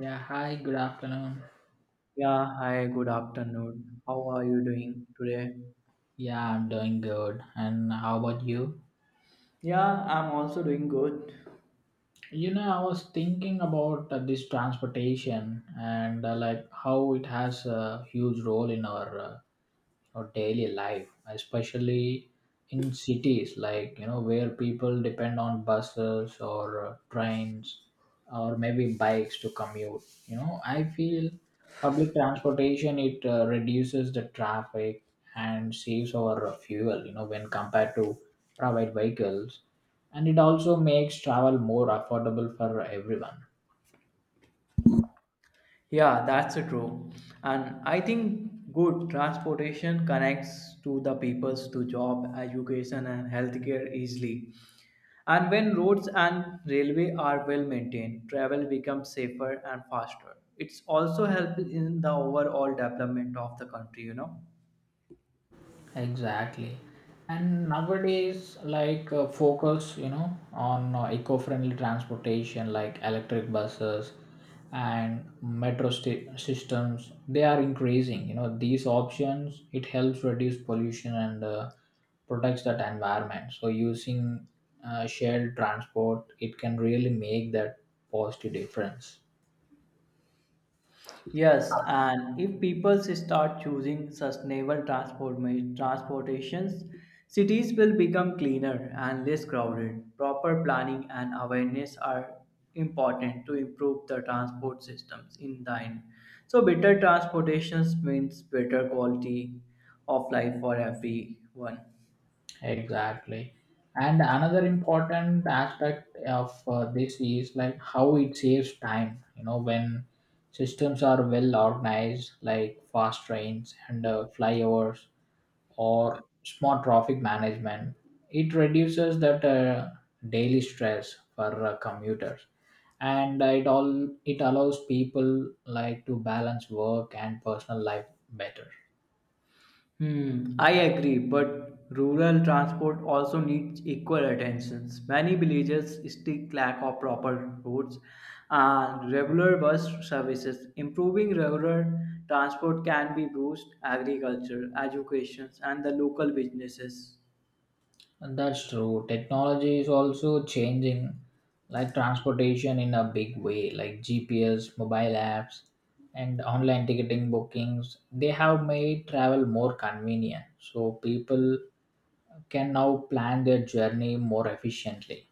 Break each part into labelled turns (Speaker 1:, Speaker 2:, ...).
Speaker 1: Yeah, hi, good afternoon.
Speaker 2: Yeah, hi, good afternoon. How are you doing today?
Speaker 1: Yeah, I'm doing good. And how about you?
Speaker 2: Yeah, I'm also doing good.
Speaker 1: You know, I was thinking about this transportation and how it has a huge role in our daily life, especially in cities like you know where people depend on buses or trains or maybe bikes to commute. You know, I feel public transportation it reduces the traffic and saves our fuel. You know, when compared to private vehicles, and it also makes travel more affordable for everyone.
Speaker 2: Yeah, that's true. And I think good transportation connects to the peoples to job, education, and healthcare easily. And when roads and railway are well maintained, travel becomes safer and faster. It's also helped in the overall development of the country.
Speaker 1: Exactly. And nowadays, focus you know on eco-friendly transportation like electric buses and metro sta systems, they are increasing. You know, these options, it helps reduce pollution and protects that environment. So using shared transport, it can really make that positive difference.
Speaker 2: Yes, and if people start choosing transportations, cities will become cleaner and less crowded. Proper planning and awareness are important to improve the transport systems in the end. So, better transportations means better quality of life for everyone.
Speaker 1: Exactly. And another important aspect of this is like how it saves time, you know, when systems are well organized, like fast trains and flyovers or smart traffic management, it reduces that daily stress for commuters. And it allows people like to balance work and personal life better.
Speaker 2: Hmm, I agree, but rural transport also needs equal attention. Many villages still lack of proper roads and regular bus services. Improving rural transport can be boost agriculture, education, and the local businesses.
Speaker 1: And that's true. Technology is also changing like transportation in a big way, like GPS, mobile apps, and online ticketing bookings. They have made travel more convenient. So people can now plan their journey more efficiently.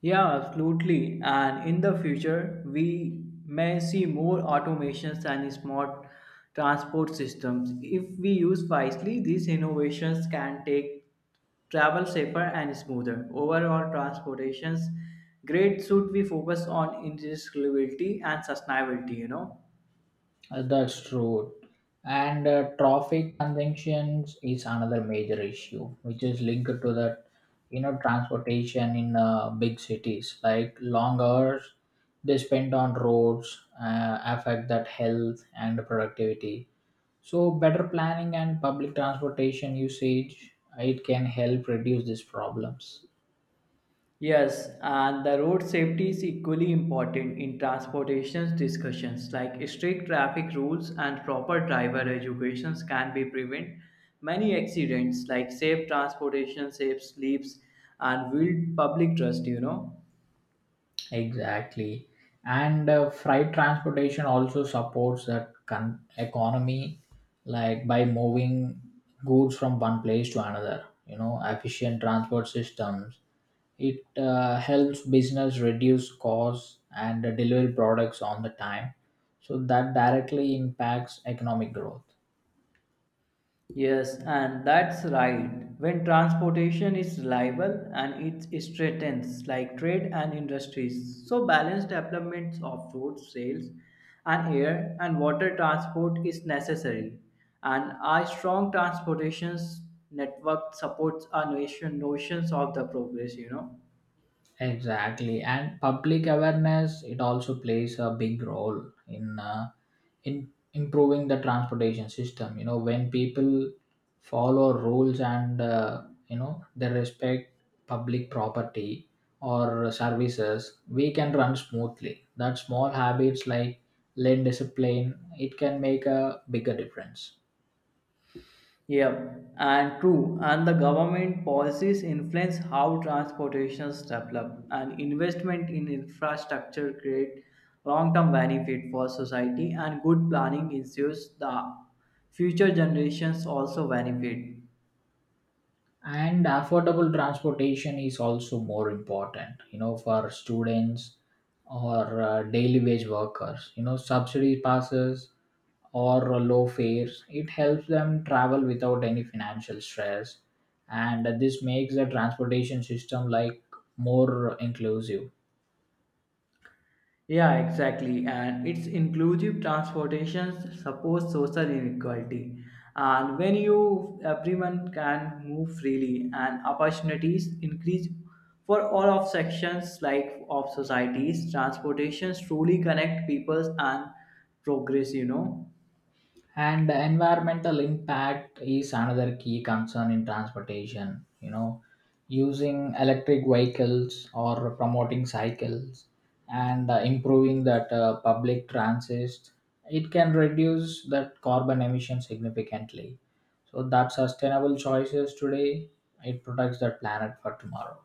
Speaker 2: Yeah, absolutely. And in the future, we may see more automations and smart transport systems. If we use wisely, these innovations can take travel safer and smoother. Overall, transportation's great should we focus on interoperability and sustainability?
Speaker 1: That's true. And traffic congestions is another major issue, which is linked to the, you know, transportation in big cities. Like long hours they spend on roads affect that health and productivity. So better planning and public transportation usage, it can help reduce these problems.
Speaker 2: Yes, and the road safety is equally important in transportation discussions, like strict traffic rules and proper driver educations can be prevent many accidents, like safe transportation, safe sleeps, and build public trust. You know.
Speaker 1: Exactly. And freight transportation also supports that economy, like by moving goods from one place to another. You know, efficient transport systems. It helps business reduce costs and deliver products on the time. So that directly impacts economic growth.
Speaker 2: Yes, and that's right. When transportation is reliable and it strengthens like trade and industries, so balanced developments of roads, rails, and air and water transport is necessary. And a strong transportation network supports our nation notions of the progress. You know.
Speaker 1: Exactly. And public awareness, it also plays a big role in in improving the transportation system, you know, when people follow rules and you know they respect public property or services, we can run smoothly. That small habits like lane discipline, it can make a bigger difference.
Speaker 2: Yeah, and true. And the government policies influence how transportations develop, and investment in infrastructure create long-term benefit for society, and good planning ensures the future generations also benefit.
Speaker 1: And affordable transportation is also more important, you know, for students or daily wage workers. You know, subsidy passes or low fares, it helps them travel without any financial stress, and this makes the transportation system like more inclusive.
Speaker 2: Yeah, exactly. And it's inclusive transportation supports social inequality. And when you everyone can move freely and opportunities increase for all of sections like of societies, transportations truly connect peoples and progress.
Speaker 1: And the environmental impact is another key concern in transportation. You know, using electric vehicles or promoting cycles and improving that public transit, it can reduce that carbon emission significantly. So that sustainable choices today, it protects the planet for tomorrow.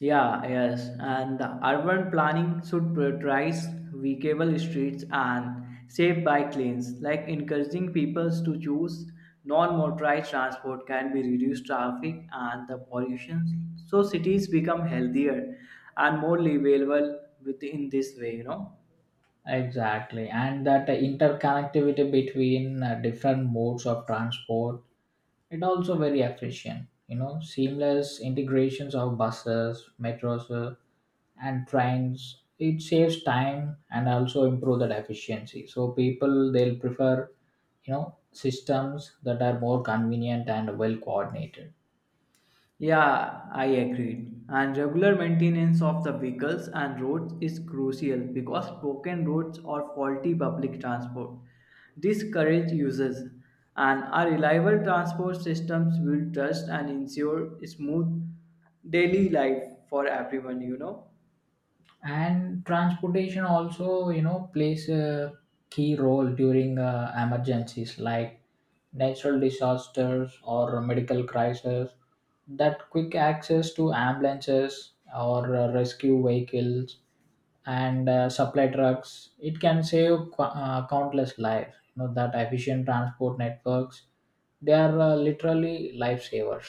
Speaker 2: Yeah, yes, and the urban planning should prioritize walkable streets and safe bike lanes, like encouraging people to choose non-motorized transport can be reduced traffic and the pollution. So cities become healthier and more livable within this way.
Speaker 1: Exactly. And that interconnectivity between different modes of transport, it also very efficient. You know, seamless integrations of buses, metros, and trains. It saves time and also improve that efficiency. So people they'll prefer, you know, systems that are more convenient and well coordinated.
Speaker 2: Yeah, I agreed. And regular maintenance of the vehicles and roads is crucial because broken roads or faulty public transport discourage users, and a reliable transport systems will trust and ensure smooth daily life for everyone. You know.
Speaker 1: And transportation also, you know, plays a key role during emergencies like natural disasters or medical crises. That quick access to ambulances or rescue vehicles and supply trucks, it can save countless lives. You know, that efficient transport networks, they are literally lifesavers.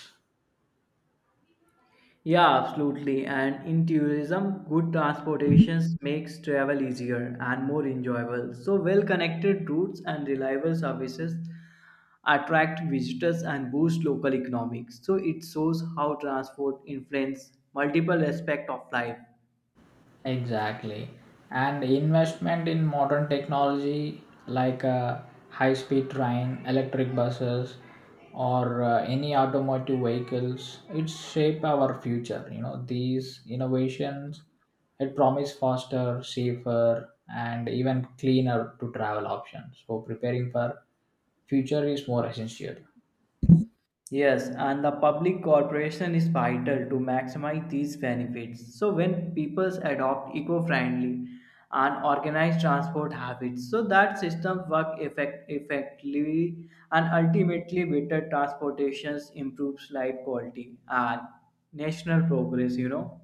Speaker 2: Yeah, absolutely. And in tourism, good transportations makes travel easier and more enjoyable. So well-connected routes and reliable services attract visitors and boost local economics. So it shows how transport influence multiple aspects of life.
Speaker 1: Exactly. And investment in modern technology like high speed train, electric buses, or any automotive vehicles, it shape our future. You know, these innovations, it promise faster, safer, and even cleaner to travel options. So preparing for future is more essential.
Speaker 2: Yes, and the public corporation is vital to maximize these benefits. So when peoples adopt eco-friendly and organized transport habits, so that systems work effectively and ultimately better transportations improves life quality and national progress.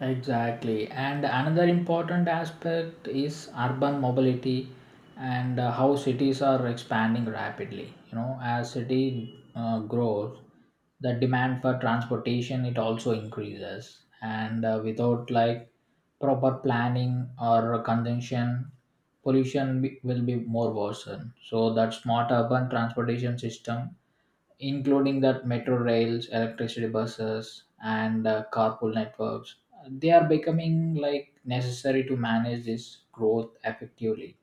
Speaker 1: Exactly. And another important aspect is urban mobility and how cities are expanding rapidly. You know, as city grows, the demand for transportation, it also increases. And without like proper planning or consumption, pollution will be more worsened. So that smart urban transportation system, including that metro rails, electricity buses, and carpool networks. They are becoming like necessary to manage this growth effectively.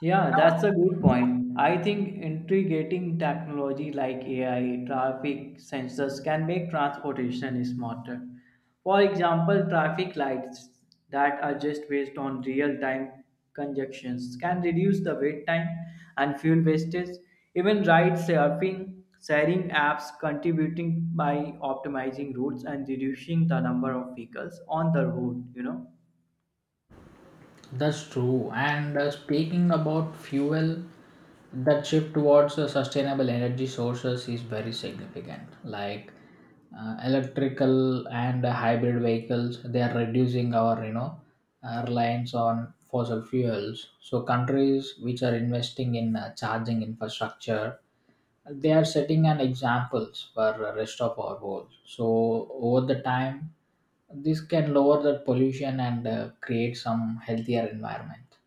Speaker 2: Yeah, that's a good point. I think integrating technology like AI, traffic sensors can make transportation smarter. For example, traffic lights that are just based on real-time conjunctions can reduce the wait time and fuel wastage. Even ride surfing, sharing apps contributing by optimizing routes and reducing the number of vehicles on the road.
Speaker 1: That's true. And speaking about fuel, that shift towards sustainable energy sources is very significant. Like electrical and hybrid vehicles, they are reducing our you know reliance on fossil fuels. So countries which are investing in charging infrastructure, they are setting an examples for the rest of our world. So over the time, this can lower the pollution and create some healthier environment.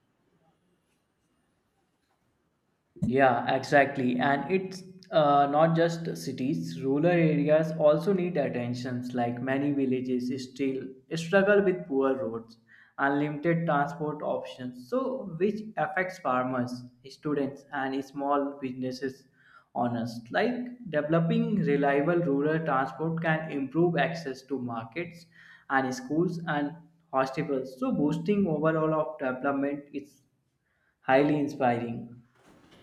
Speaker 2: Yeah, exactly. And it's not just cities, rural areas also need attentions. Like many villages still struggle with poor roads, unlimited transport options, so which affects farmers, students, and small businesses owners. Like developing reliable rural transport can improve access to markets and schools and hospitals. So boosting overall of development is highly inspiring.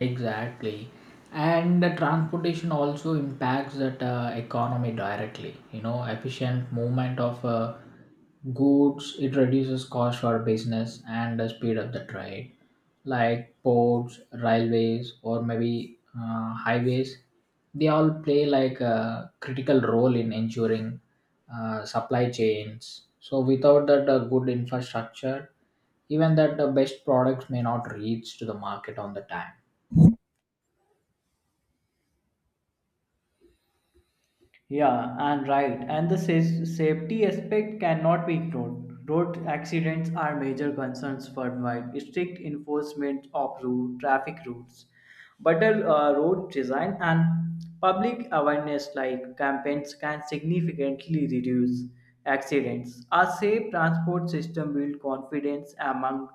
Speaker 1: Exactly. And the transportation also impacts that economy directly. You know, efficient movement of goods, it reduces cost for business and the speed of the trade. Like ports, railways, or maybe highways, they all play like a critical role in ensuring supply chains. So without that good infrastructure, even that the best products may not reach to the market on the time.
Speaker 2: Yeah, and right. And the safety aspect cannot be ignored. Road accidents are major concerns worldwide. Strict enforcement of road, traffic routes, better road design, and public awareness like campaigns can significantly reduce accidents. A safe transport system builds confidence among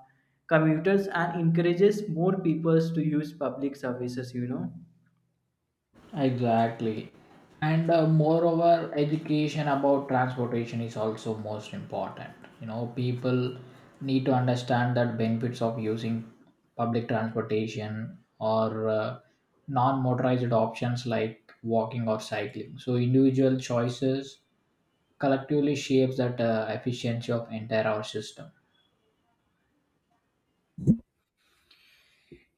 Speaker 2: commuters and encourages more people to use public services.
Speaker 1: Exactly. And moreover, education about transportation is also most important. You know, people need to understand that benefits of using public transportation or non motorized options like walking or cycling. So, individual choices collectively shapes that efficiency of entire our system.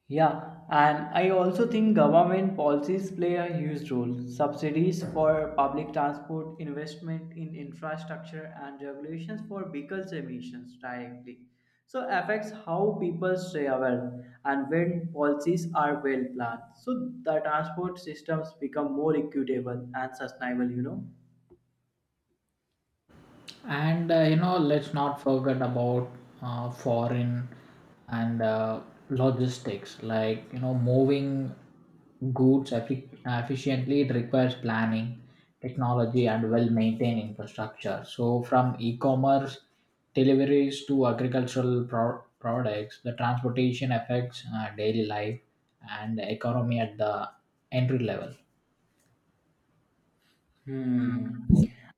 Speaker 2: Yeah, and I also think government policies play a huge role. Subsidies for public transport, investment in infrastructure, and regulations for vehicles emissions directly. So affects how people travel and when policies are well planned. So the transport systems become more equitable and sustainable.
Speaker 1: And you know let's not forget about foreign and logistics. Like you know moving goods efficiently, it requires planning, technology, and well maintained infrastructure. So from e-commerce deliveries to agricultural products, the transportation affects daily life and economy at the entry level.
Speaker 2: Hmm.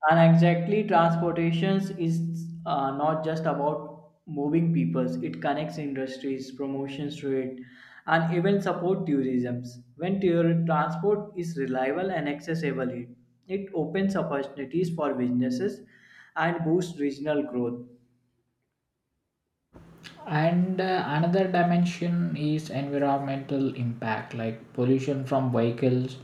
Speaker 2: And exactly, transportations is not just about moving peoples. It connects industries, promotions to it, and even support tourism. When transport is reliable and accessible, it opens opportunities for businesses and boosts regional growth.
Speaker 1: And another dimension is environmental impact, like pollution from vehicles,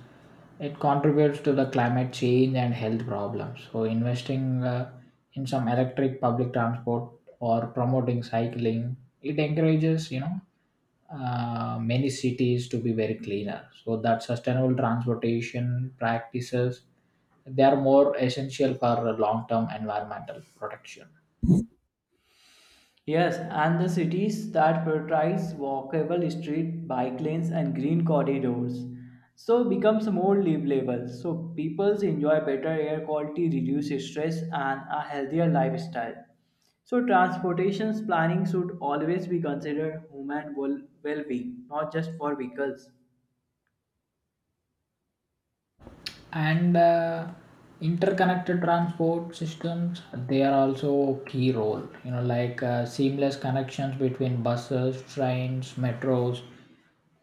Speaker 1: it contributes to the climate change and health problems. So investing in some electric public transport or promoting cycling, it encourages you know many cities to be very cleaner. So that sustainable transportation practices, they are more essential for long term environmental protection.
Speaker 2: Yes, and the cities that prioritize walkable street, bike lanes, and green corridors, so becomes more livable. So people enjoy better air quality, reduce stress, and a healthier lifestyle. So transportation planning should always be considered human well-being, not just for vehicles.
Speaker 1: And interconnected transport systems, they are also key role. You know, like seamless connections between buses, trains, metros,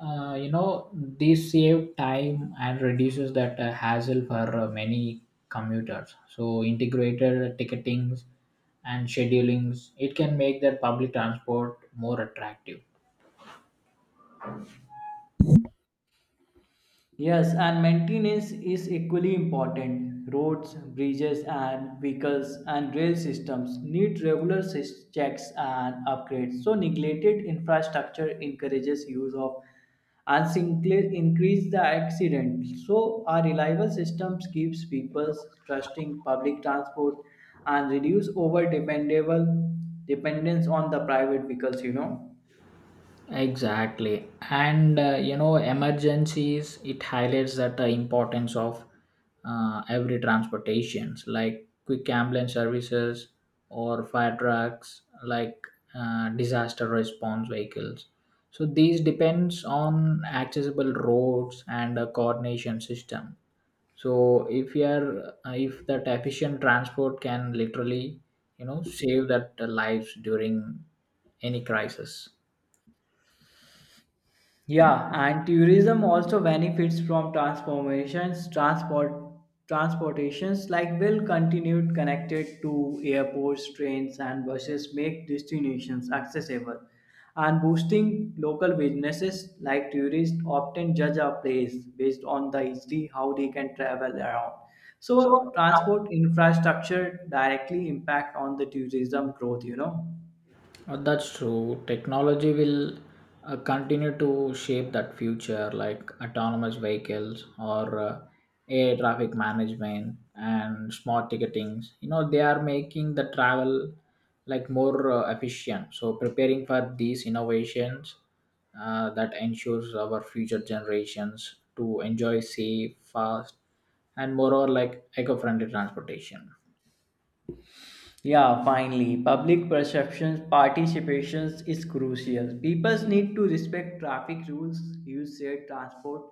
Speaker 1: you know these save time and reduces that hassle for many commuters. So integrated ticketings and schedulings, it can make that public transport more attractive.
Speaker 2: Yes, and maintenance is equally important. Roads, bridges, and vehicles and rail systems need regular checks and upgrades. So, neglected infrastructure encourages use of and increase the accident. So, our reliable systems keeps people trusting public transport and reduce over dependable dependence on the private vehicles. You know.
Speaker 1: Exactly. And you know, emergencies, it highlights that the importance of every transportations, like quick ambulance services or fire trucks, like disaster response vehicles. So these depends on accessible roads and a coordination system. So if you are, if that efficient transport can literally, you know, save that lives during any crisis.
Speaker 2: Yeah, and tourism also benefits from transformations, transport transportations like will continue connected to airports, trains and buses make destinations accessible and boosting local businesses like tourists often judge a place based on the easily how they can travel around. So transport infrastructure directly impact on the tourism growth.
Speaker 1: That's true. Technology will continue to shape that future, like autonomous vehicles or air traffic management and smart ticketings. You know, they are making the travel like more efficient. So preparing for these innovations, that ensures our future generations to enjoy safe, fast, and moreover like eco-friendly transportation.
Speaker 2: Yeah, finally, public perceptions, participations is crucial. People need to respect traffic rules, use shared transport,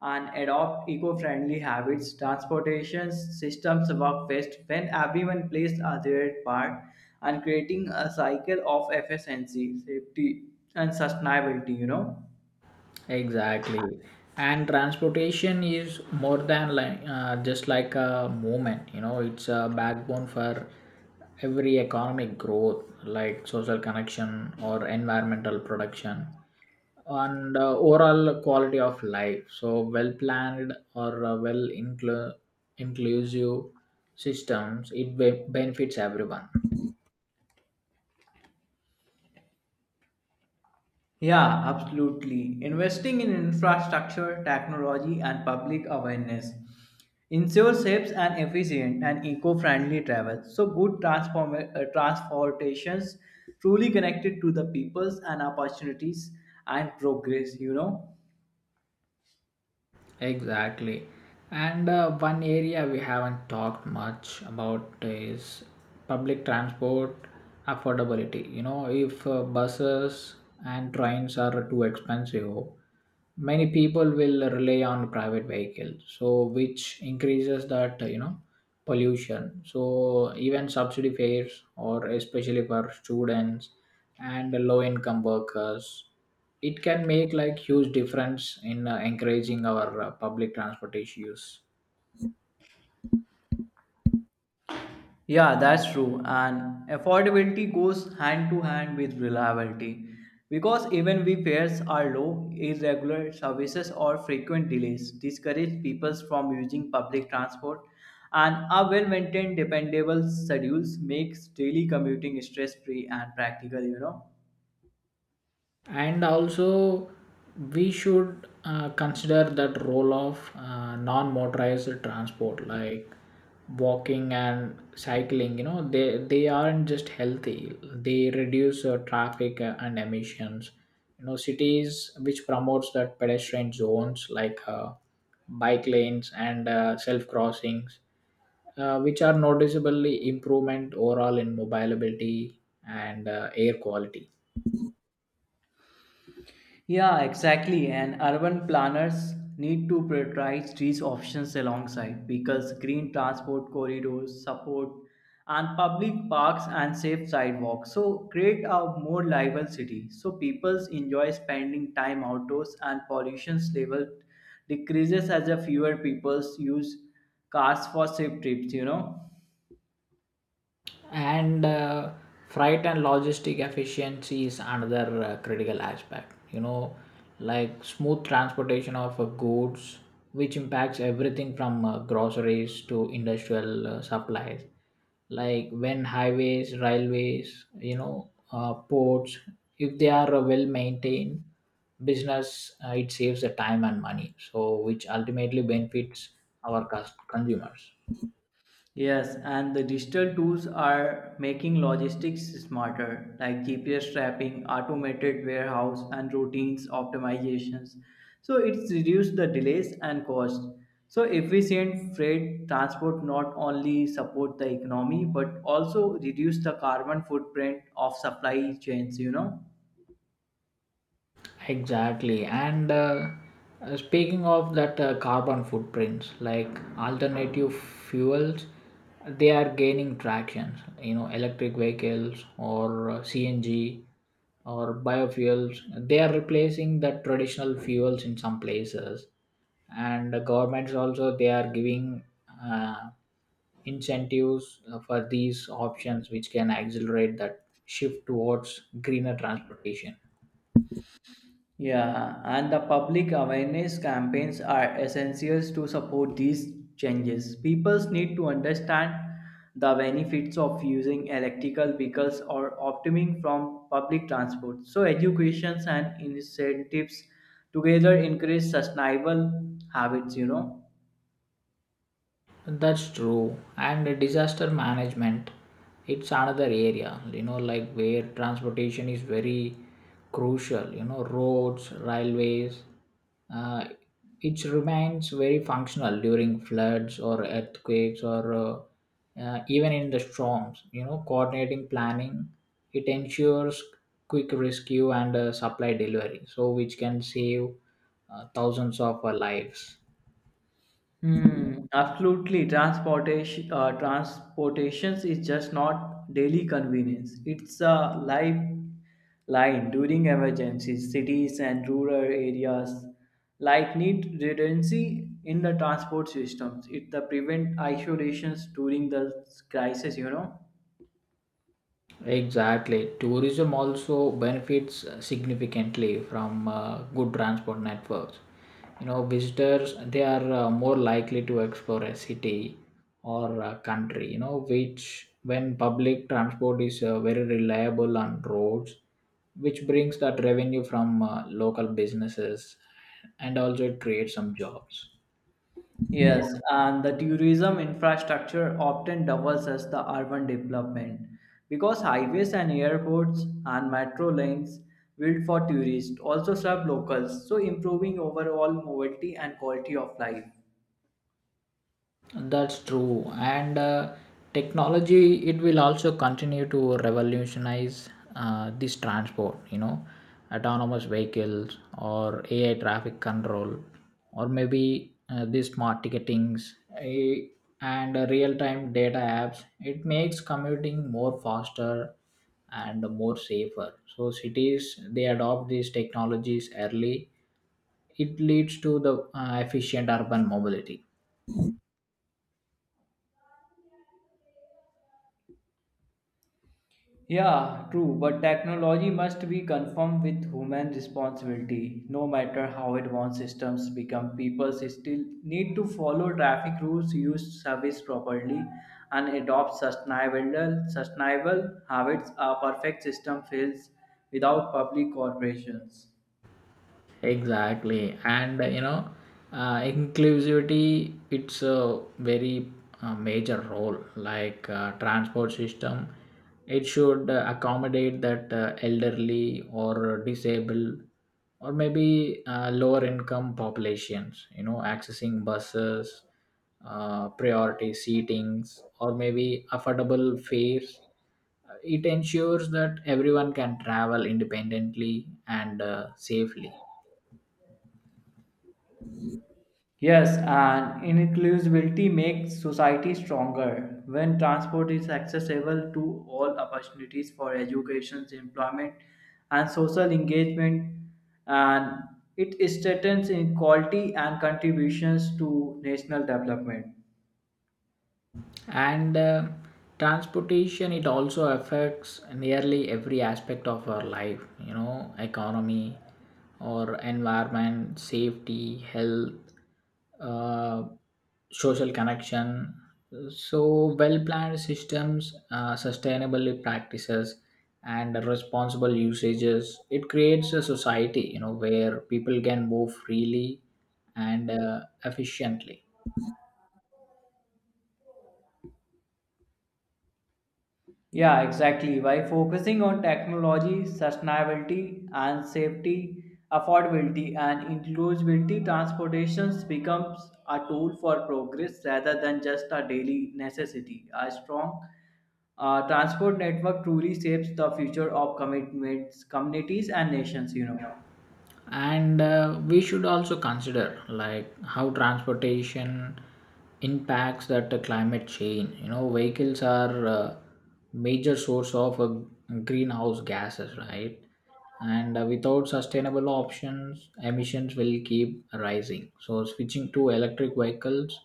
Speaker 2: and adopt eco-friendly habits. Transportation systems work best when everyone plays their part and creating a cycle of efficiency, safety, and sustainability.
Speaker 1: Exactly. And transportation is more than like just like a movement, you know, it's a backbone for every economic growth, like social connection or environmental production and overall quality of life. So well planned or inclusive systems, it benefits everyone.
Speaker 2: Yeah, absolutely. Investing in infrastructure, technology, and public awareness ensures safe and efficient and eco-friendly travel. So good transportations truly connected to the peoples and opportunities and progress.
Speaker 1: Exactly. And one area we haven't talked much about is public transport affordability. You know, if buses and trains are too expensive, many people will rely on private vehicles, so which increases that, you know, pollution. So even subsidy fares, or especially for students and low income workers, it can make like huge difference in encouraging our public transportation use.
Speaker 2: Yeah, that's true. And affordability goes hand to hand with reliability because even when fares are low, irregular services or frequent delays discourage people from using public transport. And a well maintained, dependable schedules makes daily commuting stress free and practical.
Speaker 1: And also we should consider that role of non-motorized transport like walking and cycling. You know, they aren't just healthy, they reduce traffic and emissions. You know, cities which promotes that pedestrian zones like bike lanes and self crossings, which are noticeably improvement overall in mobility and air quality.
Speaker 2: Yeah, exactly. And urban planners need to prioritize these options alongside because green transport corridors support and public parks and safe sidewalks. So create a more livable city so people enjoy spending time outdoors and pollution level decreases as a fewer people use cars for safe trips.
Speaker 1: And freight and logistic efficiency is another critical aspect. You know, like smooth transportation of goods, which impacts everything from groceries to industrial supplies. Like when highways, railways, you know ports, if they are well maintained, business, it saves the time and money, so which ultimately benefits our consumers.
Speaker 2: Yes, and the digital tools are making logistics smarter, like GPS trapping, automated warehouse, and routines optimizations. So it's reduced the delays and cost. So efficient freight transport not only support the economy but also reduce the carbon footprint of supply chains. You know.
Speaker 1: Exactly. And speaking of that carbon footprints, like alternative fuels, they are gaining traction. You know, electric vehicles or CNG or biofuels, they are replacing the traditional fuels in some places. And the governments also, they are giving uh, incentives for these options, which can accelerate that shift towards greener transportation.
Speaker 2: Yeah, and the public awareness campaigns are essential to support these changes. People need to understand the benefits of using electrical vehicles or opting from public transport. So, educations and incentives together encourage sustainable habits.
Speaker 1: That's true. And the disaster management, it's another area, you know, like where transportation is very crucial, you know, roads, railways. Uh, it remains very functional during floods or earthquakes or even in the storms. You know, coordinating planning, it ensures quick rescue and supply delivery, so which can save thousands of lives.
Speaker 2: Hmm, absolutely. Transportations is just not daily convenience. It's a lifeline during emergencies. Cities and rural areas like need redundancy in the transport systems. It the prevent isolations during the crisis. You know.
Speaker 1: Exactly. Tourism also benefits significantly from good transport networks. You know, visitors they are more likely to explore a city or a country. You know, which when public transport is very reliable on roads, which brings that revenue from local businesses, and also it creates some jobs.
Speaker 2: Yes, and the tourism infrastructure often doubles as the urban development because highways and airports and metro lanes built for tourists also serve locals, so improving overall mobility and quality of life.
Speaker 1: That's true. And technology, it will also continue to revolutionize this transport, you know, autonomous vehicles or AI traffic control, or maybe these smart ticketings, and real time data apps. It makes commuting more faster and more safer. So, cities, they adopt these technologies early, it leads to the efficient urban mobility.
Speaker 2: Yeah, true, but technology must be conformed with human responsibility. No matter how advanced systems become, people still need to follow traffic rules, use service properly, and adopt sustainable habits. A perfect system fails without public corporations.
Speaker 1: Exactly. And you know inclusivity, it's a very major role. Like transport system, it should accommodate that elderly or disabled or maybe lower income populations. You know, accessing buses, priority seatings, or maybe affordable fares, it ensures that everyone can travel independently and safely.
Speaker 2: Yes, and inclusivity makes society stronger. When transport is accessible to all, opportunities for education, employment, and social engagement, and it strengthens inequality and contributions to national development.
Speaker 1: And transportation, it also affects nearly every aspect of our life. You know, economy or environment, safety, health, uh, social connection. So well planned systems, sustainable practices, and responsible usages, it creates a society, you know, where people can move freely and efficiently.
Speaker 2: Yeah, exactly. By focusing on technology, sustainability and safety, affordability and inclusivity, transportation becomes a tool for progress rather than just a daily necessity. A strong transport network truly shapes the future of commitments, communities and nations.
Speaker 1: And we should also consider like how transportation impacts that climate change. You know, vehicles are major source of greenhouse gases, right? And without sustainable options, emissions will keep rising. So switching to electric vehicles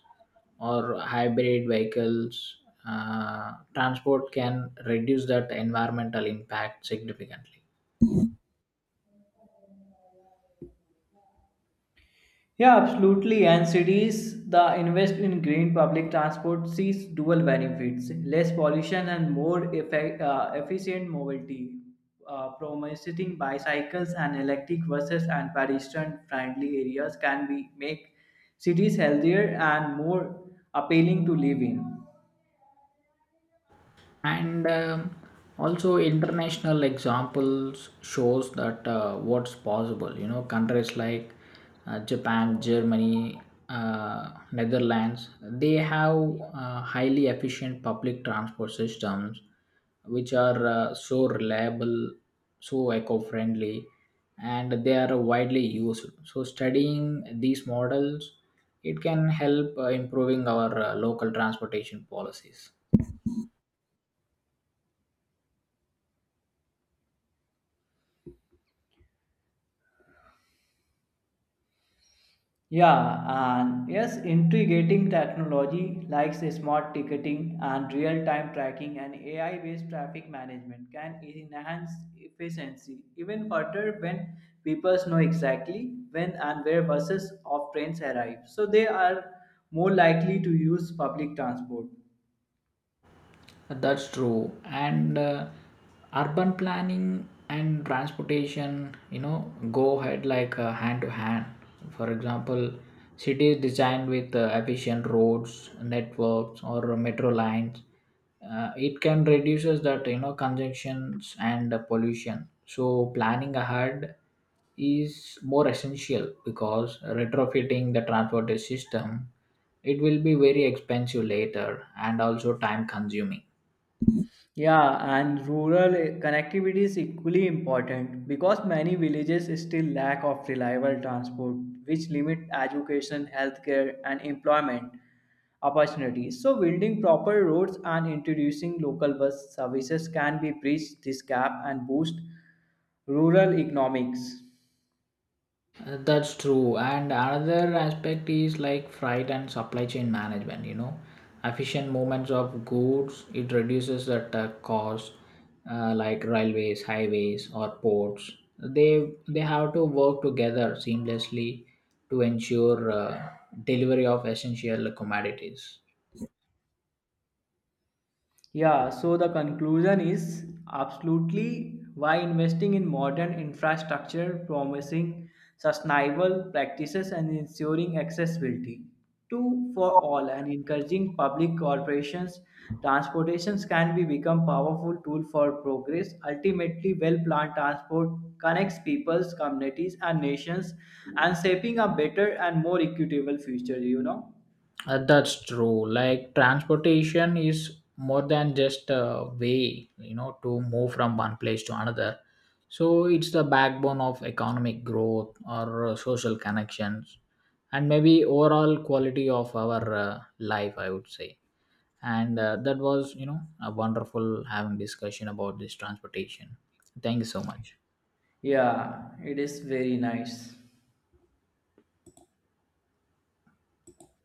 Speaker 1: or hybrid vehicles, transport can reduce that environmental impact significantly.
Speaker 2: Yeah, absolutely. And cities that invest in green public transport sees dual benefits: less pollution and more efficient mobility, promoting bicycles and electric buses and pedestrian-friendly areas can be make cities healthier and more appealing to live in.
Speaker 1: And also international examples shows that what's possible. You know, countries like japan, germany, netherlands, they have highly efficient public transport systems which are so reliable, so eco-friendly, and they are widely used. So studying these models, it can help improving our local transportation policies.
Speaker 2: Yeah, and yes, integrating technology like say, smart ticketing and real time tracking and AI based traffic management can enhance efficiency even further when people know exactly when and where buses of trains arrive. So they are more likely to use public transport.
Speaker 1: That's true. And urban planning and transportation, you know, go ahead like hand to hand. For example, cities designed with efficient roads, networks, or metro lines, it can reduces that you know congestions and pollution. So planning ahead is more essential, because retrofitting the transport system, it will be very expensive later and also time consuming.
Speaker 2: Yeah, and rural connectivity is equally important because many villages still lack of reliable transport, which limit education, healthcare, and employment opportunities. So, building proper roads and introducing local bus services can be bridge this gap and boost rural economics.
Speaker 1: That's true. And another aspect is like freight and supply chain management. You know, efficient movements of goods, it reduces that cost, like railways, highways, or ports. They have to work together seamlessly to ensure delivery of essential commodities.
Speaker 2: Yeah, so the conclusion is absolutely why investing in modern infrastructure, promising sustainable practices, and ensuring accessibility to for all and encouraging public corporations transportations can be become powerful tool for progress. Ultimately, well planned transport connects peoples communities and nations and shaping a better and more equitable future. You know
Speaker 1: That's true. Like transportation is more than just a way, you know, to move from one place to another. So it's the backbone of economic growth or social connections, and maybe overall quality of our life, I would say. And that was you know a wonderful having discussion about this transportation. Thank you so much.
Speaker 2: yeah, it is very nice.